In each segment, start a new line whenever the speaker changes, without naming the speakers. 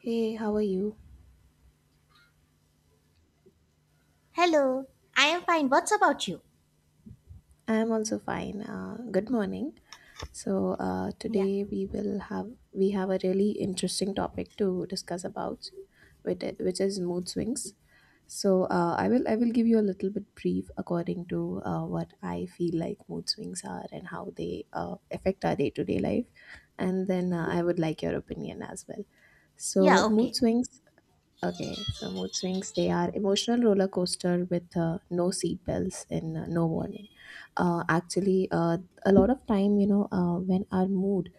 Hey, how are you?
Hello, I am fine. What's about you?
I'm also fine. Good morning.
Yeah,
Today we will have a really interesting topic to discuss about, which is mood swings. I will give you a little bit brief according to what I feel like mood swings are and how they affect our day to day life, and then I would like your opinion as well.
yeah,
So mood
Okay.
swings. Okay, so mood swings, they are emotional roller coaster with no seat belts and no warning. Actually, a lot of time, when our mood,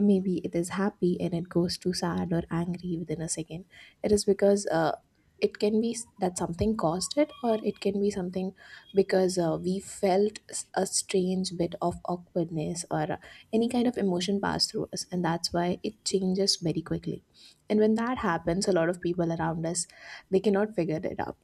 maybe it is happy and it goes to sad or angry within a second, it is because it can be that something caused it, or it can be something because we felt a strange bit of awkwardness or any kind of emotion passed through us, and that's why it changes very quickly. And when that happens, a lot of people around us, they cannot figure it out,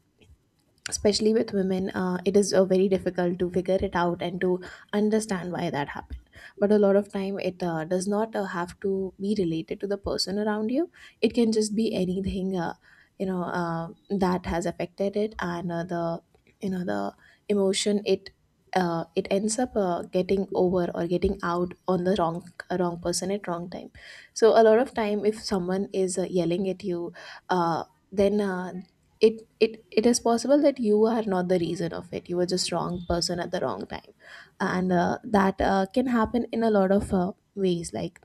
especially with women. It is very difficult to figure it out and to understand why that happened. But a lot of time it does not have to be related to the person around you. It can just be anything that has affected it. And the you know the emotion, it ends up getting over or getting out on the wrong person at wrong time. So a lot of time if someone is yelling at you, uh, then it is possible that you are not the reason of it, you were just wrong person at the wrong time. And that can happen in a lot of ways. Like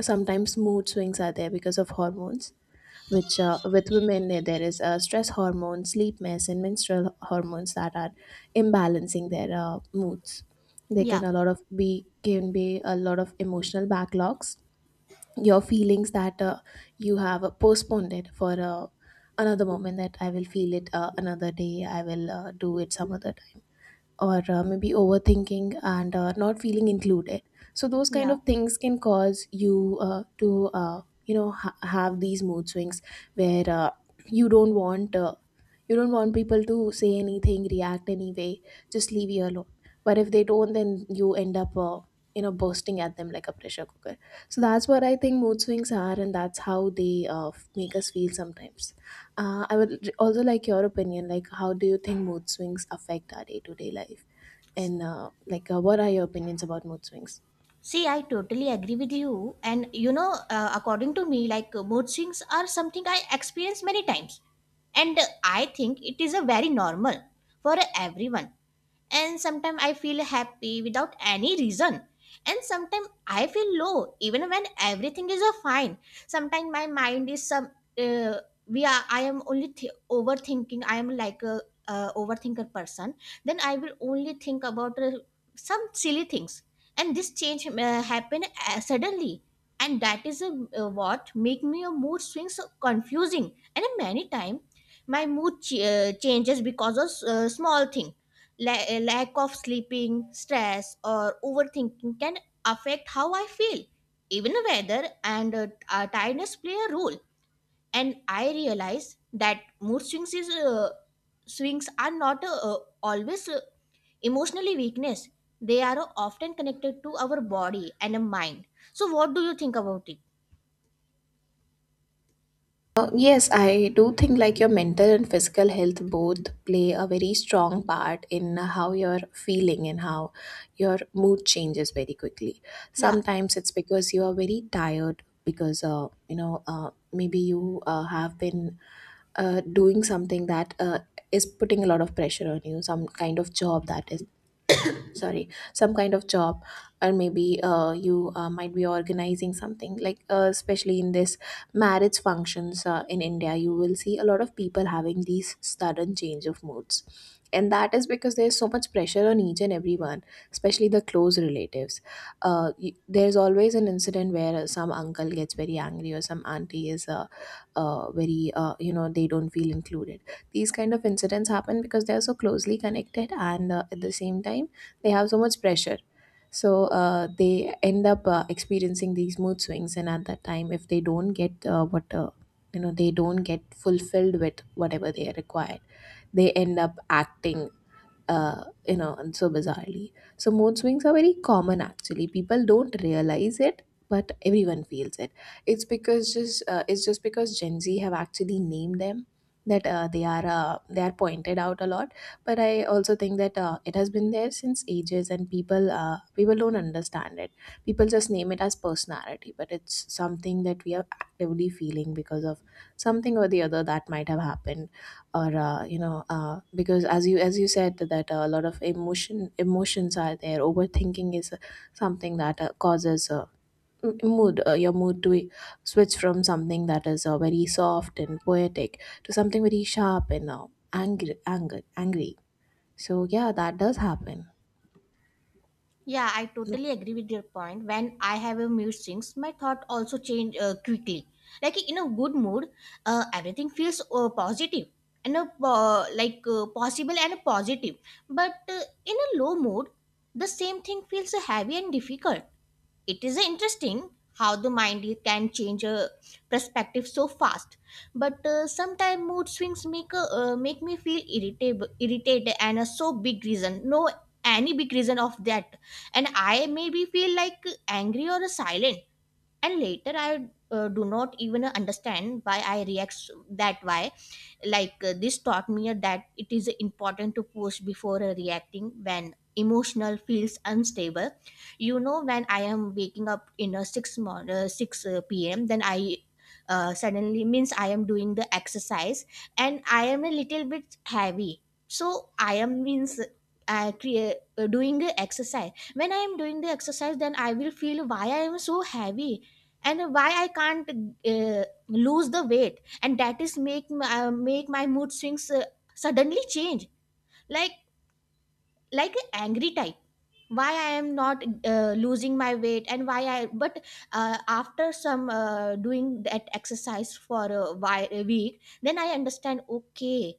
sometimes mood swings are there because of hormones, which with women, there is stress hormones, sleep mess, and menstrual hormones that are imbalancing their moods. They
Yeah,
can a lot of be can be a lot of emotional backlogs, your feelings that you have postponed it for another moment. That I will feel it another day, I will do it some other time. Or maybe overthinking and not feeling included. So those kind
yeah.
of things can cause you to have these mood swings, where you don't want uh, you don't want people to say anything, react anyway, just leave you alone. But if they don't, then you end up, you know, bursting at them like a pressure cooker. So that's what I think mood swings are, and that's how they make us feel sometimes. I would also like your opinion. Like how do you think mood swings affect our day to day life? And what are your opinions about mood swings?
See, I totally agree with you. And you know, according to me, like mood swings are something I experience many times. And I think it is a very normal for everyone. And sometimes I feel happy without any reason, and sometimes I feel low even when everything is fine. Sometimes my mind is some uh, we are I am overthinking. I am like a, overthinker person. Then I will only think about some silly things, and this change happen suddenly. And that is what make me a mood swings so confusing, and many time my changes because of small thing. A lack of sleeping, stress, or overthinking can affect how I feel. Even weather and tiredness play a role. And I realize that mood swings is swings are not always emotionally weakness. They are often connected to our body and mind. So, what do you think about it?
Yes, I do think like your mental and physical health both play a very strong part in how you're feeling and how your mood changes very quickly.
Yeah.
Sometimes it's because you are very tired because maybe you have been doing something that is putting a lot of pressure on you. Some kind of job that is, sorry, some kind of job, or maybe you might be organizing something, like especially in this marriage functions in India, you will see a lot of people having these sudden change of moods. And that is because there's so much pressure on each and everyone, especially the close relatives. There's always an incident where some uncle gets very angry or some auntie is very, you know, they don't feel included. These kind of incidents happen because they are so closely connected, and at the same time they have so much pressure. So they end up experiencing these mood swings, and at that time if they don't get what you know, they don't get fulfilled with whatever they are required, they end up acting, you know, and so bizarrely. So mood swings are very common actually. People don't realize it, but everyone feels it. It's because just it's just because Gen Z have actually named them that they are pointed out a lot. But I also think that it has been there since ages, and people don't understand it. People just name it as personality, but it's something that we are actively feeling because of something or the other that might have happened. Or because as you said that a lot of emotions are there, overthinking is something that causes m- mood your mood to switch from something that is very soft and poetic to something very sharp and angry. So yeah, that does happen.
Yeah, I
No.
totally agree with your point. When I have a mood swings, my thought also change quickly. Like in a good mood, everything feels positive and a, like possible and positive. But in a low mood, the same thing feels heavy and difficult. It is interesting how the mind can change a perspective so fast. But sometimes mood swings make me feel irritable irritated, and a so big reason, no any big reason of that. And I maybe feel like angry or silent, and later I do not even understand why I react that way. Like this taught me that it is important to pause before reacting when emotional feels unstable. You know, when I am waking up in a 6 pm, then I suddenly means I am doing the exercise, and I am a little bit heavy. So I am means I create, doing the exercise. When I am doing the exercise, then I will feel why I am so heavy and why I can't lose the weight. And that is make my mood swings suddenly change, like like an angry type, why I am not losing my weight and why I. But after some doing that exercise for a, a week, then I understand, okay,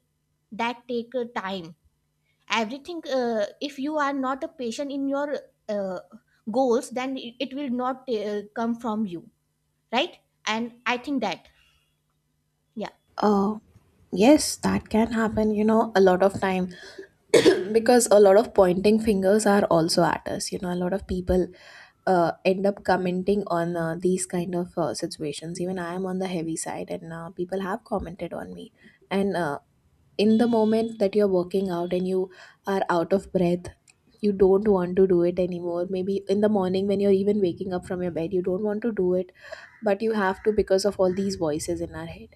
that take time. Everything if you are not a patient in your uh, goals, then it will not come from you, right? And I think that, yeah.
Uh, yes, that can happen, you know, a lot of time, because a lot of pointing fingers are also at us. You know, a lot of people end up commenting on these kind of situations. Even I am on the heavy side, and people have commented on me. And In the moment that you're working out and you are out of breath, you don't want to do it anymore. Maybe in the morning when you're even waking up from your bed, you don't want to do it, but you have to because of all these voices in our head,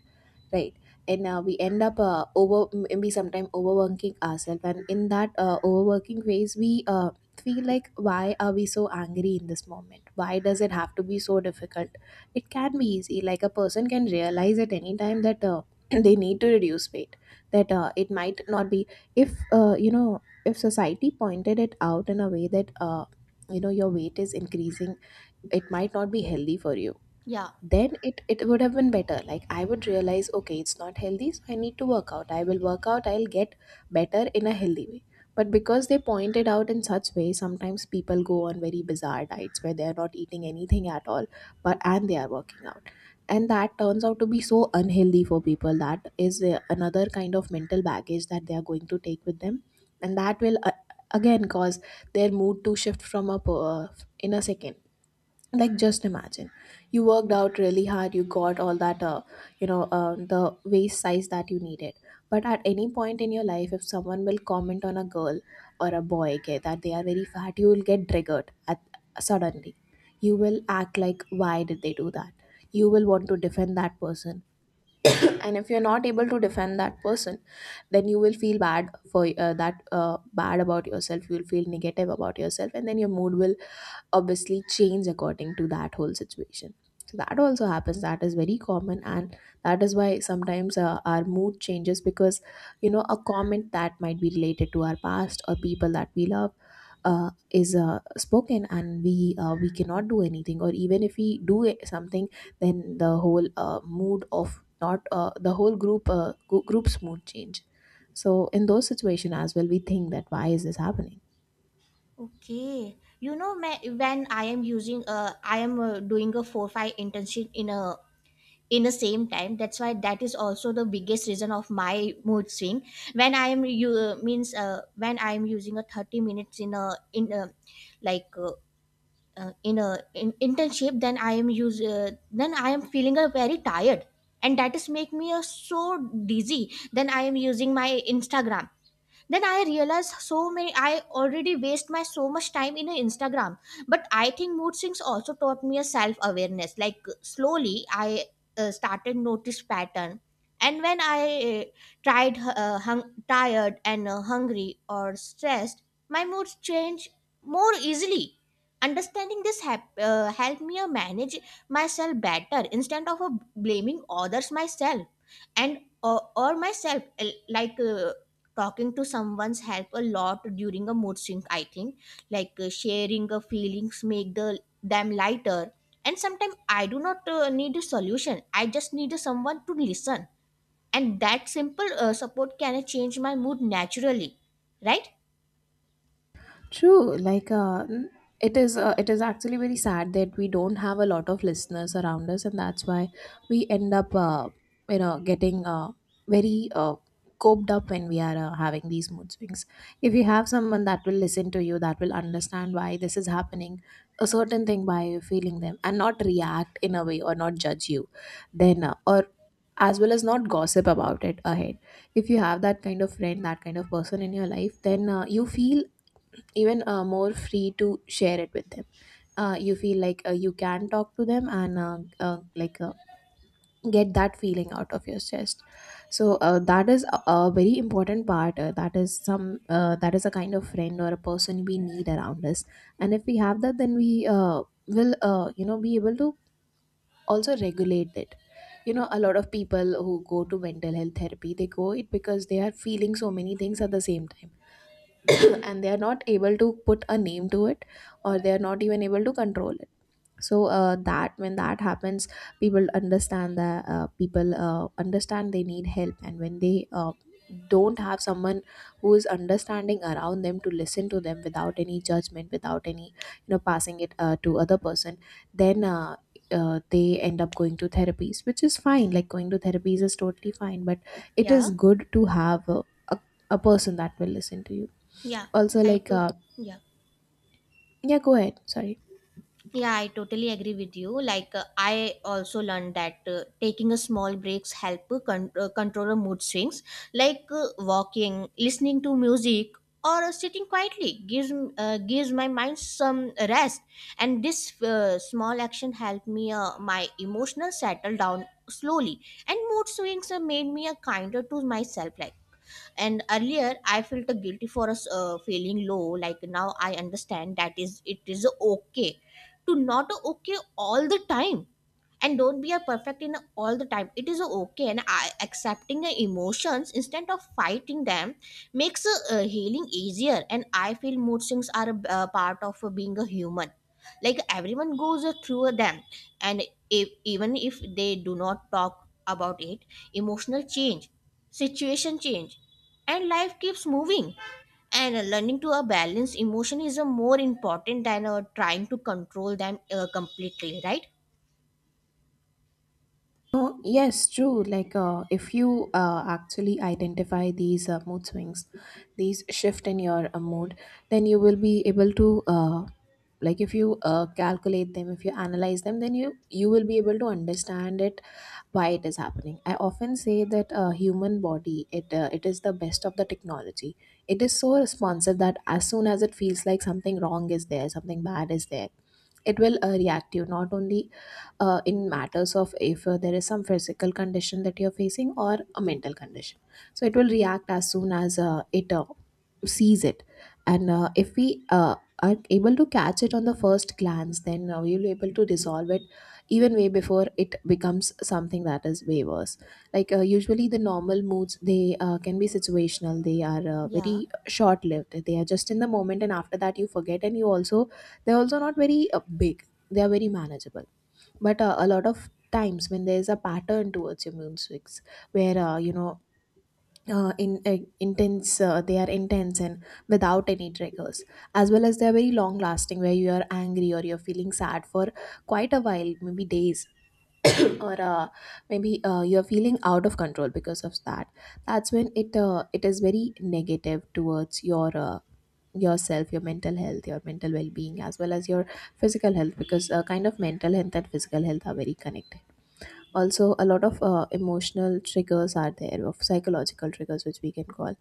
right? And we end up we sometimes overworking ourselves, and in that overworking phase we feel like, why are we so angry in this moment, why does it have to be so difficult? It can be easy, like a person can realize at any time that they need to reduce weight. That It might not be, if you know, if society pointed it out in a way that you know, your weight is increasing, it might not be healthy for you,
Yeah.
then it would have been better. Like I would realize, okay, it's not healthy, so I need to work out. I will work out, I'll get better in a healthy way. But because they pointed out in such way, sometimes people go on very bizarre diets where they are not eating anything at all, but, and they are working out, and that turns out to be so unhealthy for people. That is another kind of mental baggage that they are going to take with them, and that will again cause their mood to shift from up in a second. Like, just imagine, you worked out really hard, you got all that the waist size that you needed. But at any point in your life, if someone will comment on a girl or a boy, okay, that they are very fat, you will get triggered at, suddenly. You will act like, why did they do that? You will want to defend that person. And if you're not able to defend that person, then you will feel bad for that bad about yourself, you'll feel negative about yourself, and then your mood will obviously change according to that whole situation. So that also happens. That is very common, and that is why sometimes our mood changes because, you know, a comment that might be related to our past or people that we love is spoken, and we cannot do anything. Or even if we do something, then the whole mood of not the whole group's mood change. So in those situations as well, we think that why is this happening.
Okay, you know, when I am using, I am doing a 4-5 internship in a in the same time. That's why that is also the biggest reason of my mood swing. When I am you means when I am using a 30 minutes in a like. In a in internship, then I am use then I am feeling a very tired. And that is make me so dizzy. Then I am using my Instagram, then I realized so many, I already waste my so much time in Instagram. But I think mood swings also taught me a self awareness. Like slowly I started notice pattern, and when I uh, tired and hungry or stressed, my moods change more easily. Understanding this helped me manage myself better instead of blaming others myself. And or myself, like talking to someone's help a lot during a mood swing, I think. Like sharing a feelings make the them lighter. And sometimes I do not need a solution, I just need someone to listen, and that simple support can change my mood naturally, right?
True, like it is. It is actually very sad that we don't have a lot of listeners around us, and that's why we end up, you know, getting very coped up when we are having these mood swings. If you have someone that will listen to you, that will understand why this is happening, a certain thing, why you're feeling them, and not react in a way or not judge you, then or as well as not gossip about it ahead. If you have that kind of friend, that kind of person in your life, then you feel even more free to share it with them. You feel like you can talk to them and get that feeling out of your chest. So that is a very important part. That is a kind of friend or a person we need around us, and if we have that, then we will be able to also regulate it. You know, a lot of people who go to mental health therapy, they go it because they are feeling so many things at the same time, and they are not able to put a name to it, or they are not even able to control it. So that when that happens, people understand that people understand they need help. And when they don't have someone who is understanding around them to listen to them without any judgment, without any, you know, passing it to other person, then they end up going to therapies, which is fine. Like, going to therapies is totally fine, but it
Yeah.
is good to have a, a person that will listen to you.
Yeah.
Also,
I
like
too, yeah.
yeah, go ahead, sorry.
Yeah, I totally agree with you. Like, I also learned that taking a small breaks control our mood swings. Like walking, listening to music, or sitting quietly gives my mind some rest. And this small action helped me my emotional settle down slowly, and mood swings made me a kinder to myself. Like and earlier I felt guilty for us feeling low. Like now I understand that is it is okay to not okay all the time, and don't be a perfect in all the time, it is okay. And I, accepting the emotions instead of fighting them makes healing easier. And I feel mood swings are a part of being a human, like everyone goes through them. And if, even if they do not talk about it, emotional change, situation change, and life keeps moving. And learning to balance emotion is more important than trying to control them completely, right?
No, yes, true. Like if you actually identify these mood swings, these shift in your mood, then you will be able to like, if you calculate them, if you analyze them, then you will be able to understand it, why it is happening. I often say that human body, it is the best of the technology. It is so responsive that as soon as it feels like something wrong is there, something bad is there, it will react you. Not only in matters of if there is some physical condition that you're facing or a mental condition. So it will react as soon as it sees it. And if we are able to catch it on the first glance, then we'll be able to resolve it even way before it becomes something that is way worse. Like usually the normal moods, they can be situational. They are
Yeah.
very short lived, they are just in the moment, and after that you forget. And you also, they're also not very big, they are very manageable. But a lot of times when there's a pattern towards your moon swings, where you know in intense they are intense and without any triggers, as well as they're very long lasting, where you are angry or you're feeling sad for quite a while, maybe days, or maybe you're feeling out of control because of that. That's when it is very negative towards your yourself, your mental health, your mental well-being, as well as your physical health, because kind of mental health and physical health are very connected. Also, a lot of emotional triggers are there, of psychological triggers, which we can call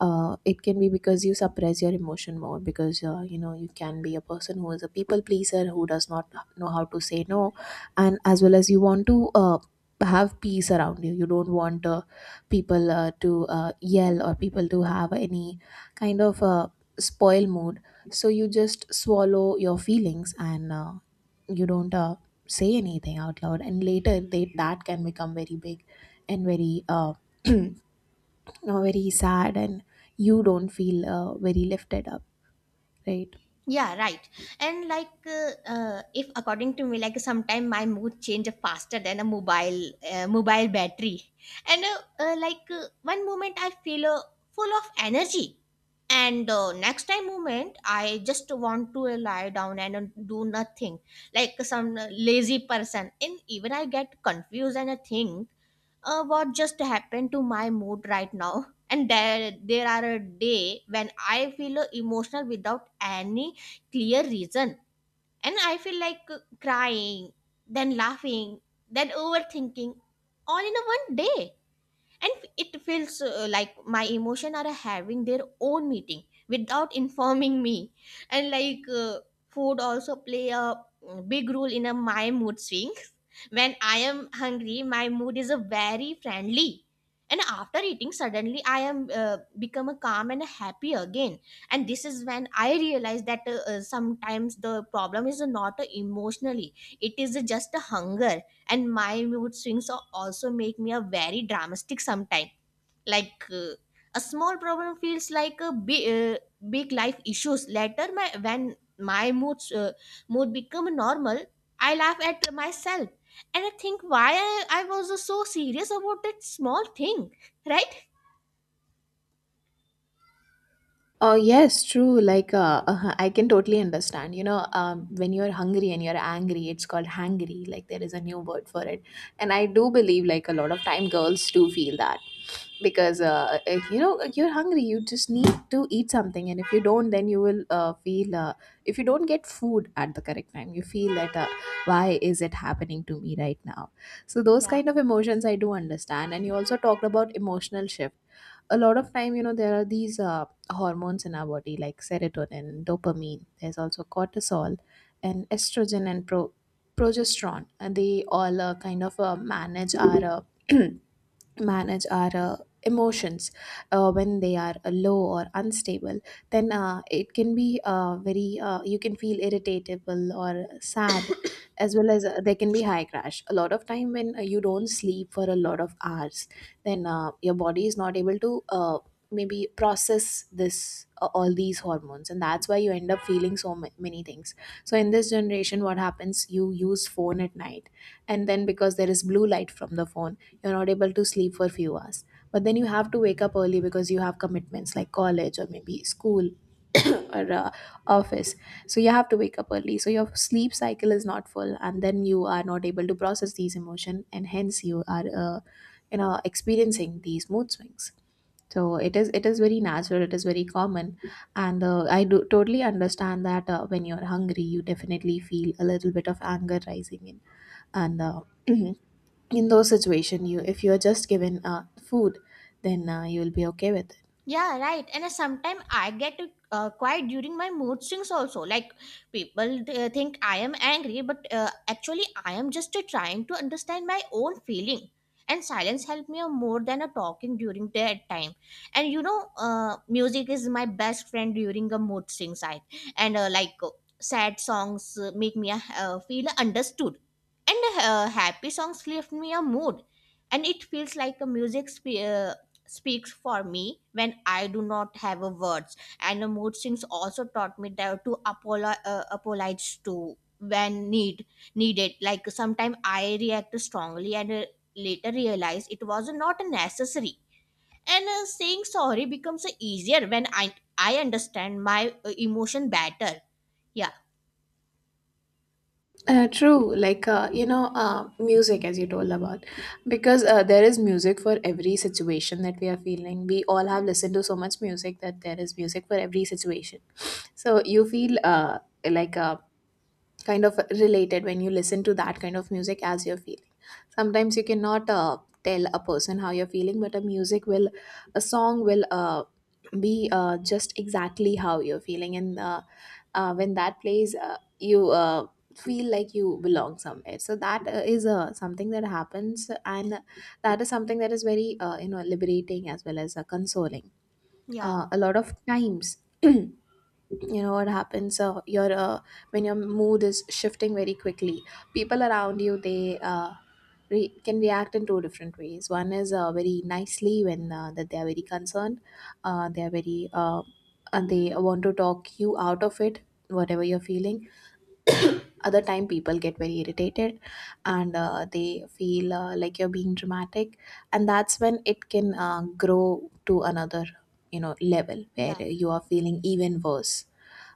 it can be because you suppress your emotion more, because you know, you can be a person who is a people pleaser, who does not know how to say no. And as well as, you want to have peace around you, you don't want people to yell, or people to have any kind of spoil mood. So you just swallow your feelings and you don't say anything out loud, and later that can become very big and very you very sad, and you don't feel very lifted up, right?
Yeah, right. And like if according to me, like sometime my mood change faster than a mobile battery. And like one moment I feel full of energy, and next time moment I just want to lie down and do nothing, like some lazy person. And even I get confused and a thing, what just happened to my mood right now? And there are a day when I feel emotional without any clear reason. And I feel like crying, then laughing, then overthinking, all in a one day. And it feels like my emotion are having their own meeting without informing me. And like food also play a mm, big role in a, my mood swings. When I am hungry, my mood is a very friendly, and after eating suddenly I am become a calm and happy again. And this is when I realize that sometimes the problem is not emotionally, it is just a hunger. And my mood swings also make me a very dramatic sometime. Like a small problem feels like a big life issues. Later my, when my mood become normal, I laugh at myself and I think why I was so serious about that small thing. Right.
Oh yes, true. Like, I can totally understand. You know, when you're hungry and you're angry, it's called hangry. Like, there is a new word for it, and I do believe, like, a lot of time girls do feel that, because if, you know, you're hungry, you just need to eat something, and if you don't, then you will feel if you don't get food at the correct time, you feel that why is it happening to me right now? So those
Yeah.
kind of emotions I do understand. And you also talked about emotional shift. A lot of time, you know, there are these. Hormones in our body, like serotonin, dopamine. There's also cortisol and estrogen and progesterone. And they all kind of manage our uh, manage our emotions when they are low or unstable. Then it can be very you can feel irritable or sad, as well as there can be high crash. A lot of time when you don't sleep for a lot of hours, then your body is not able to. Maybe process this all these hormones, and that's why you end up feeling so many things. So in this generation, what happens, you use phone at night, and then, because there is blue light from the phone, you're not able to sleep for few hours. But then you have to wake up early, because you have commitments like college or maybe school or office. So you have to wake up early, so your sleep cycle is not full, and then you are not able to process these emotion, and hence you are experiencing these mood swings. So it is, it is very natural, it is very common. And I do totally understand that when you're hungry, you definitely feel a little bit of anger rising in. And in those situations, you, if you're just given food, then you'll be okay with it.
Yeah, right. And sometimes I get quiet during my mood swings also. Like people they think I am angry, but actually I am just trying to understand my own feeling. And silence helped me more than a talking during that time. And you know, music is my best friend during a mood swings. I and like sad songs make me feel understood, and happy songs lift me a mood. And it feels like a speaks for me when I do not have a words. And the mood swings also taught me that to apologize to when needed. Like sometimes I react strongly and later realize it was not necessary. And saying sorry becomes easier when I understand my emotion better. Yeah,
True. Like, you know, music, as you told about, because there is music for every situation that we are feeling. We all have listened to so much music that there is music for every situation. So you feel kind of related when you listen to that kind of music as you're feeling. Sometimes you cannot tell a person how you're feeling, but a music will, a song will be just exactly how you're feeling. And when that plays, you feel like you belong somewhere. So that is something that happens, and that is something that is very liberating, as well as consoling.
yeah,
A lot of times. You know what happens, your when your mood is shifting very quickly, people around you, they can react in two different ways. One is very nicely, when that they are very concerned, they are very and they want to talk you out of it, whatever you're feeling. Other time, people get very irritated, and they feel like you're being dramatic. And that's when it can grow to another, you know, level where
yeah,
you are feeling even worse,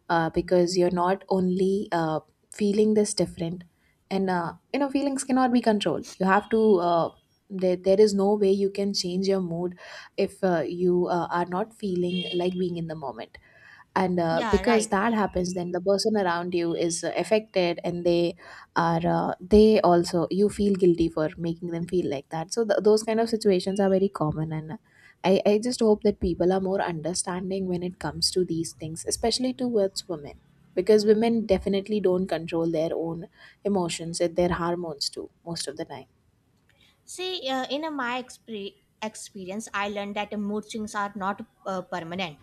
because you're not only feeling this different. And you know, feelings cannot be controlled. You have to there is no way you can change your mood if you are not feeling like being in the moment. And
yeah.
because
Right.
that happens, then the person around you is affected, and they are they also, you feel guilty for making them feel like that. So those kind of situations are very common. And I just hope that people are more understanding when it comes to these things, especially towards women, because women definitely don't control their own emotions and their hormones too, most of the time.
See, in my experience, I learned that mood swings are not permanent.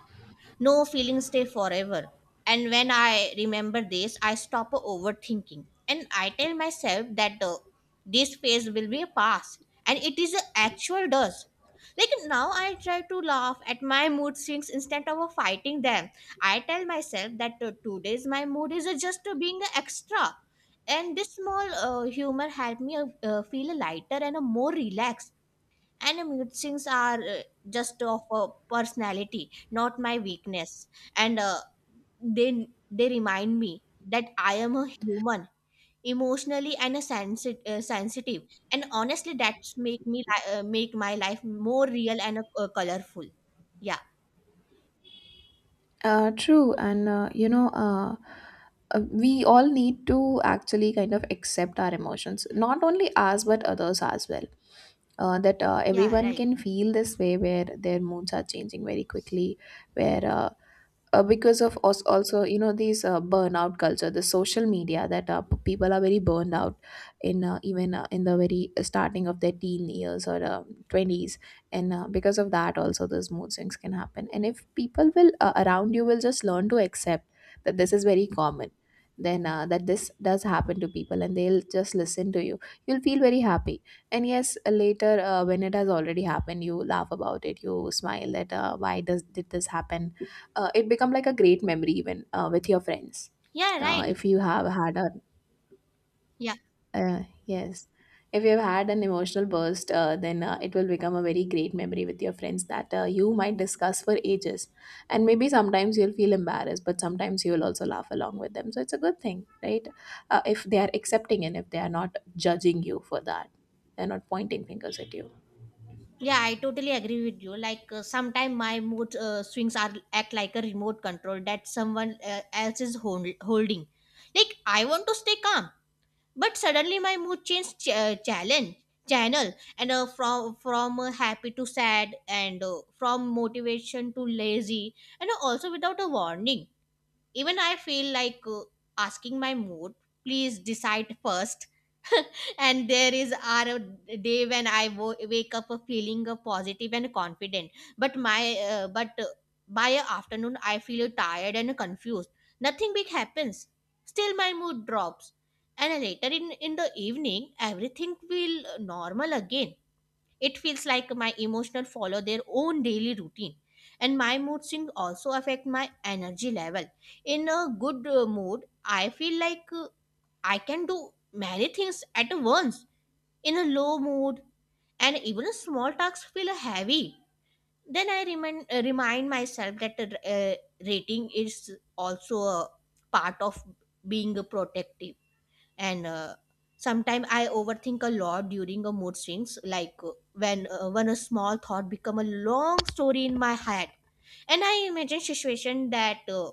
No feelings stay forever. And when I remember this, I stop overthinking. And I tell myself that this phase will be a past. And it is an actual does. Like now I try to laugh at my mood swings instead of fighting them. I tell myself that today's my mood is just being extra, and this small humor helped me feel lighter and more relaxed. And musings are just of a personality, not my weakness. And they they remind me that I am a human, emotionally and a sensitive. And honestly, that's make my life more real and colorful. Yeah.
True. And we all need to actually kind of accept our emotions, not only us but others as well. That
Yeah,
everyone
right.
can feel this way, where their moods are changing very quickly, where because of us also, you know, these burnout culture, the social media, that people are very burned out in even in the very starting of their teen years, or 20s. And because of that also, those mood swings can happen. And if people will around you will just learn to accept that this is very common, then that this does happen to people, and they'll just listen to you, you'll feel very happy. And yes, later, when it has already happened, you laugh about it, you smile that why does did this happen. It become like a great memory, even with your friends.
Yeah, right.
If you have had a
Yeah.
yes. If you've had an emotional burst, then it will become a very great memory with your friends, that you might discuss for ages. And maybe sometimes you'll feel embarrassed, but sometimes you'll also laugh along with them. So it's a good thing, right? If they are accepting, and if they are not judging you for that, they're not pointing fingers at you.
Yeah, I totally agree with you. Like sometimes my mood swings are act like a remote control that someone else is holding. Like I want to stay calm, but suddenly my mood changed challenge channel. And from happy to sad and from motivation to lazy, and also without a warning. Even I feel like asking my mood, please decide first. And there is are a day when I wake up feeling positive and confident, but my but by afternoon I feel tired and confused. Nothing big happens. Still, my mood drops, and later in the evening everything will normal again. It feels like my emotions follow their own daily routine. And my mood swings also affect my energy level. In a good mood, I feel like I can do many things at once. In a low mood, and even small tasks feel heavy. Then I remind myself that rating is also a part of being protective and sometimes I overthink a lot during a mood swings, like when a small thought become a long story in my head, and I imagine situation that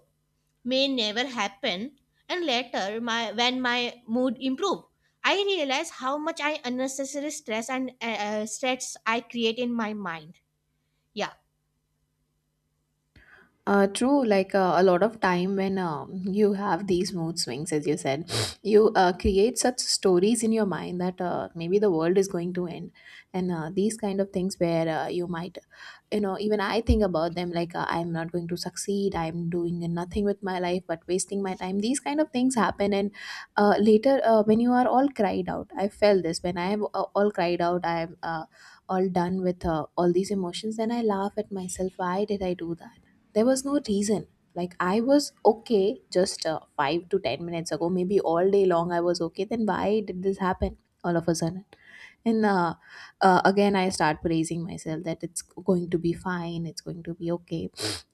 may never happen. And later my when my mood improve, I realize how much I unnecessary stress and stress I create in my mind. Yeah.
True, like a lot of time when you have these mood swings, as you said, you create such stories in your mind that maybe the world is going to end, and these kind of things where you might, you know, even I think about them like I'm not going to succeed, I'm doing nothing with my life but wasting my time. These kind of things happen, and later when you are all cried out, I felt this when I am all cried out, I am all done with all these emotions, then I laugh at myself. Why did I do that? There was no reason. Like I was okay just 5 to 10 minutes ago. Maybe all day long I was okay, then why did this happen all of a sudden? And Again I start praising myself that it's going to be fine, it's going to be okay.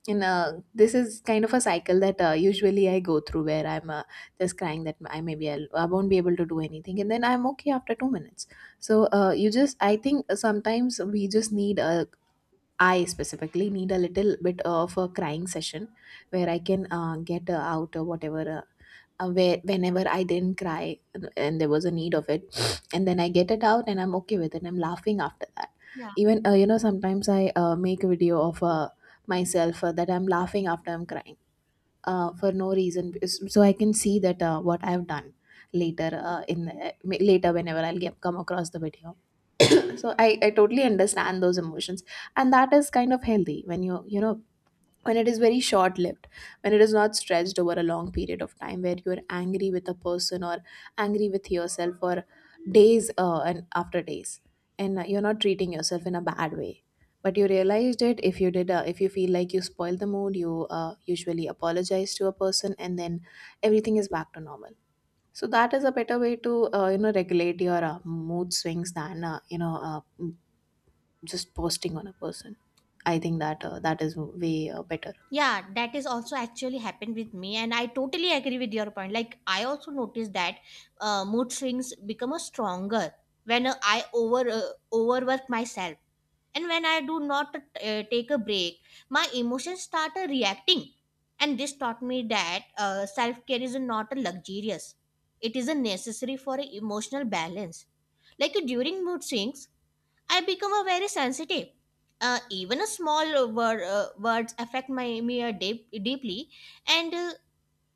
And this is kind of a cycle that usually I go through, where I'm just crying that I won't be able to do anything, and then I'm okay after 2 minutes. So you just I think sometimes we just need a— I specifically need a little bit of a crying session where I can get out whatever. Where whenever I didn't cry and there was a need of it, and then I get it out and I'm okay with it. I'm laughing after that. Even sometimes I make a video of myself that I'm laughing after I'm crying for no reason, so I can see that what I've done later later whenever come across the video. So I totally understand those emotions, and that is kind of healthy when you know, when it is very short lived, when it is not stretched over a long period of time where you're angry with a person, or angry with yourself for days and after days, and you're not treating yourself in a bad way, but you realized it. If you did— if you feel like you spoiled the mood, you usually apologize to a person, and then everything is back to normal. So that is a better way to, you know, regulate your mood swings than, just posting on a person. I think that that is way better.
Yeah, that is also actually happened with me, and I totally agree with your point. Like I also noticed that mood swings become a stronger when I overwork myself, and when I do not take a break, my emotions start reacting. And this taught me that self care is not a luxurious; it is a necessary for a emotional balance. Like during mood swings, I become a very sensitive. Even a small word, words affect my me deeply, and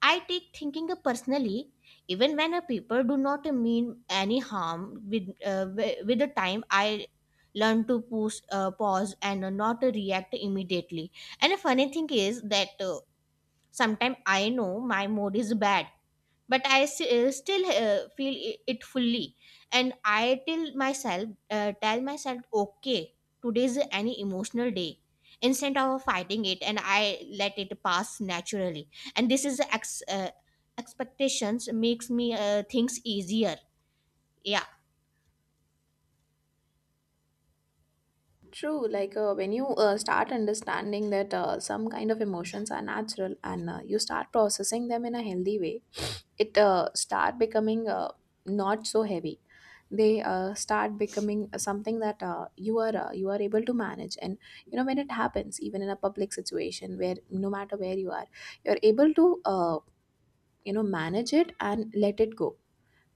I take thinking personally. Even when a people do not mean any harm, with with the time I learn to push, pause and not react immediately. And a funny thing is that sometimes I know my mood is bad, but I still feel it fully, and I tell myself okay, today's any emotional day, instead of fighting it, and I let it pass naturally. And this expectations makes me things easier. Yeah.
True, like when you start understanding that some kind of emotions are natural and you start processing them in a healthy way, it start becoming not so heavy. They start becoming something that you are able to manage, and you know when it happens, even in a public situation where no matter where you are, you're able to, manage it and let it go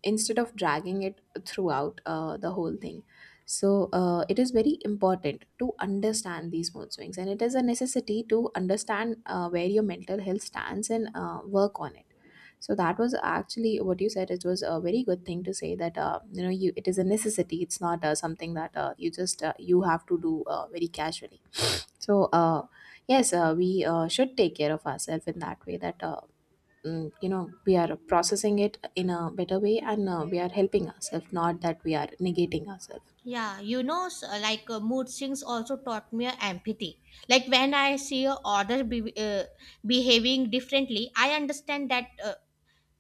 instead of dragging it throughout the whole thing. So it is very important to understand these mood swings, and it is a necessity to understand where your mental health stands and work on it. So that was actually what you said. It was a very good thing to say that, you know you it is a necessity. It's not something that you have to do very casually. So yes, we should take care of ourselves in that way that we are processing it in a better way, and we are helping ourselves, not that we are negating ourselves.
Yeah, you know, like mood swings also taught me empathy. Like when I see a other behaving differently, I understand that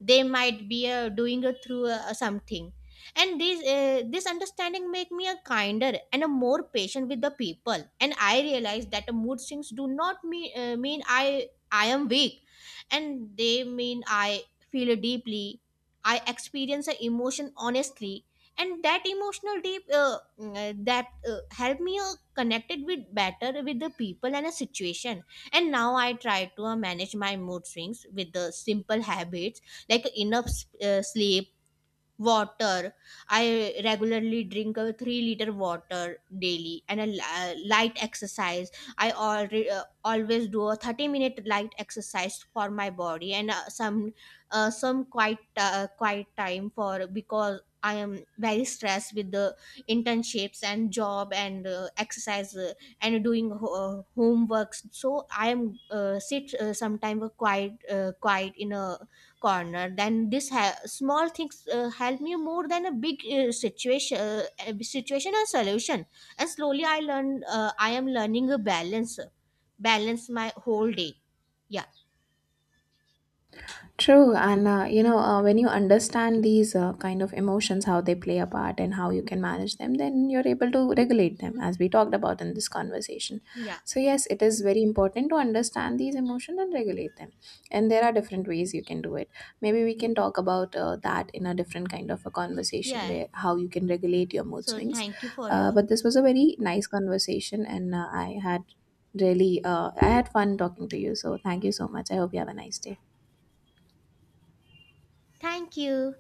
they might be doing a through something, and this understanding make me a kinder and a more patient with the people. And I realize that the mood swings do not mean I am weak, and they mean I feel deeply, I experience an emotion honestly. And that emotional deep mm, that help me connected with better with the people and a situation. And now I try to manage my mood swings with the simple habits, like enough sleep, water. I regularly drink a 3-liter water daily, and a light exercise. I already always do a 30-minute light exercise for my body, and some quiet quiet time for, because I am very stressed with the internships and job and exercise and doing homeworks. So I am sit sometime a quiet in a corner, then this small things help me more than a big situation a situation or solution. And slowly I am learning a balance my whole day. Yeah.
True, and when you understand these kind of emotions, how they play a part and how you can manage them, then you're able to regulate them, as we talked about in this conversation.
Yeah.
So, yes, it is very important to understand these emotions and regulate them. And there are different ways you can do it. Maybe we can talk about that in a different kind of a conversation
Yeah,
where how you can regulate your mood
so
swings.
thank you for your.
But this was a very nice conversation, and I had fun talking to you. So, thank you so much. I hope you have a nice day.
Thank you.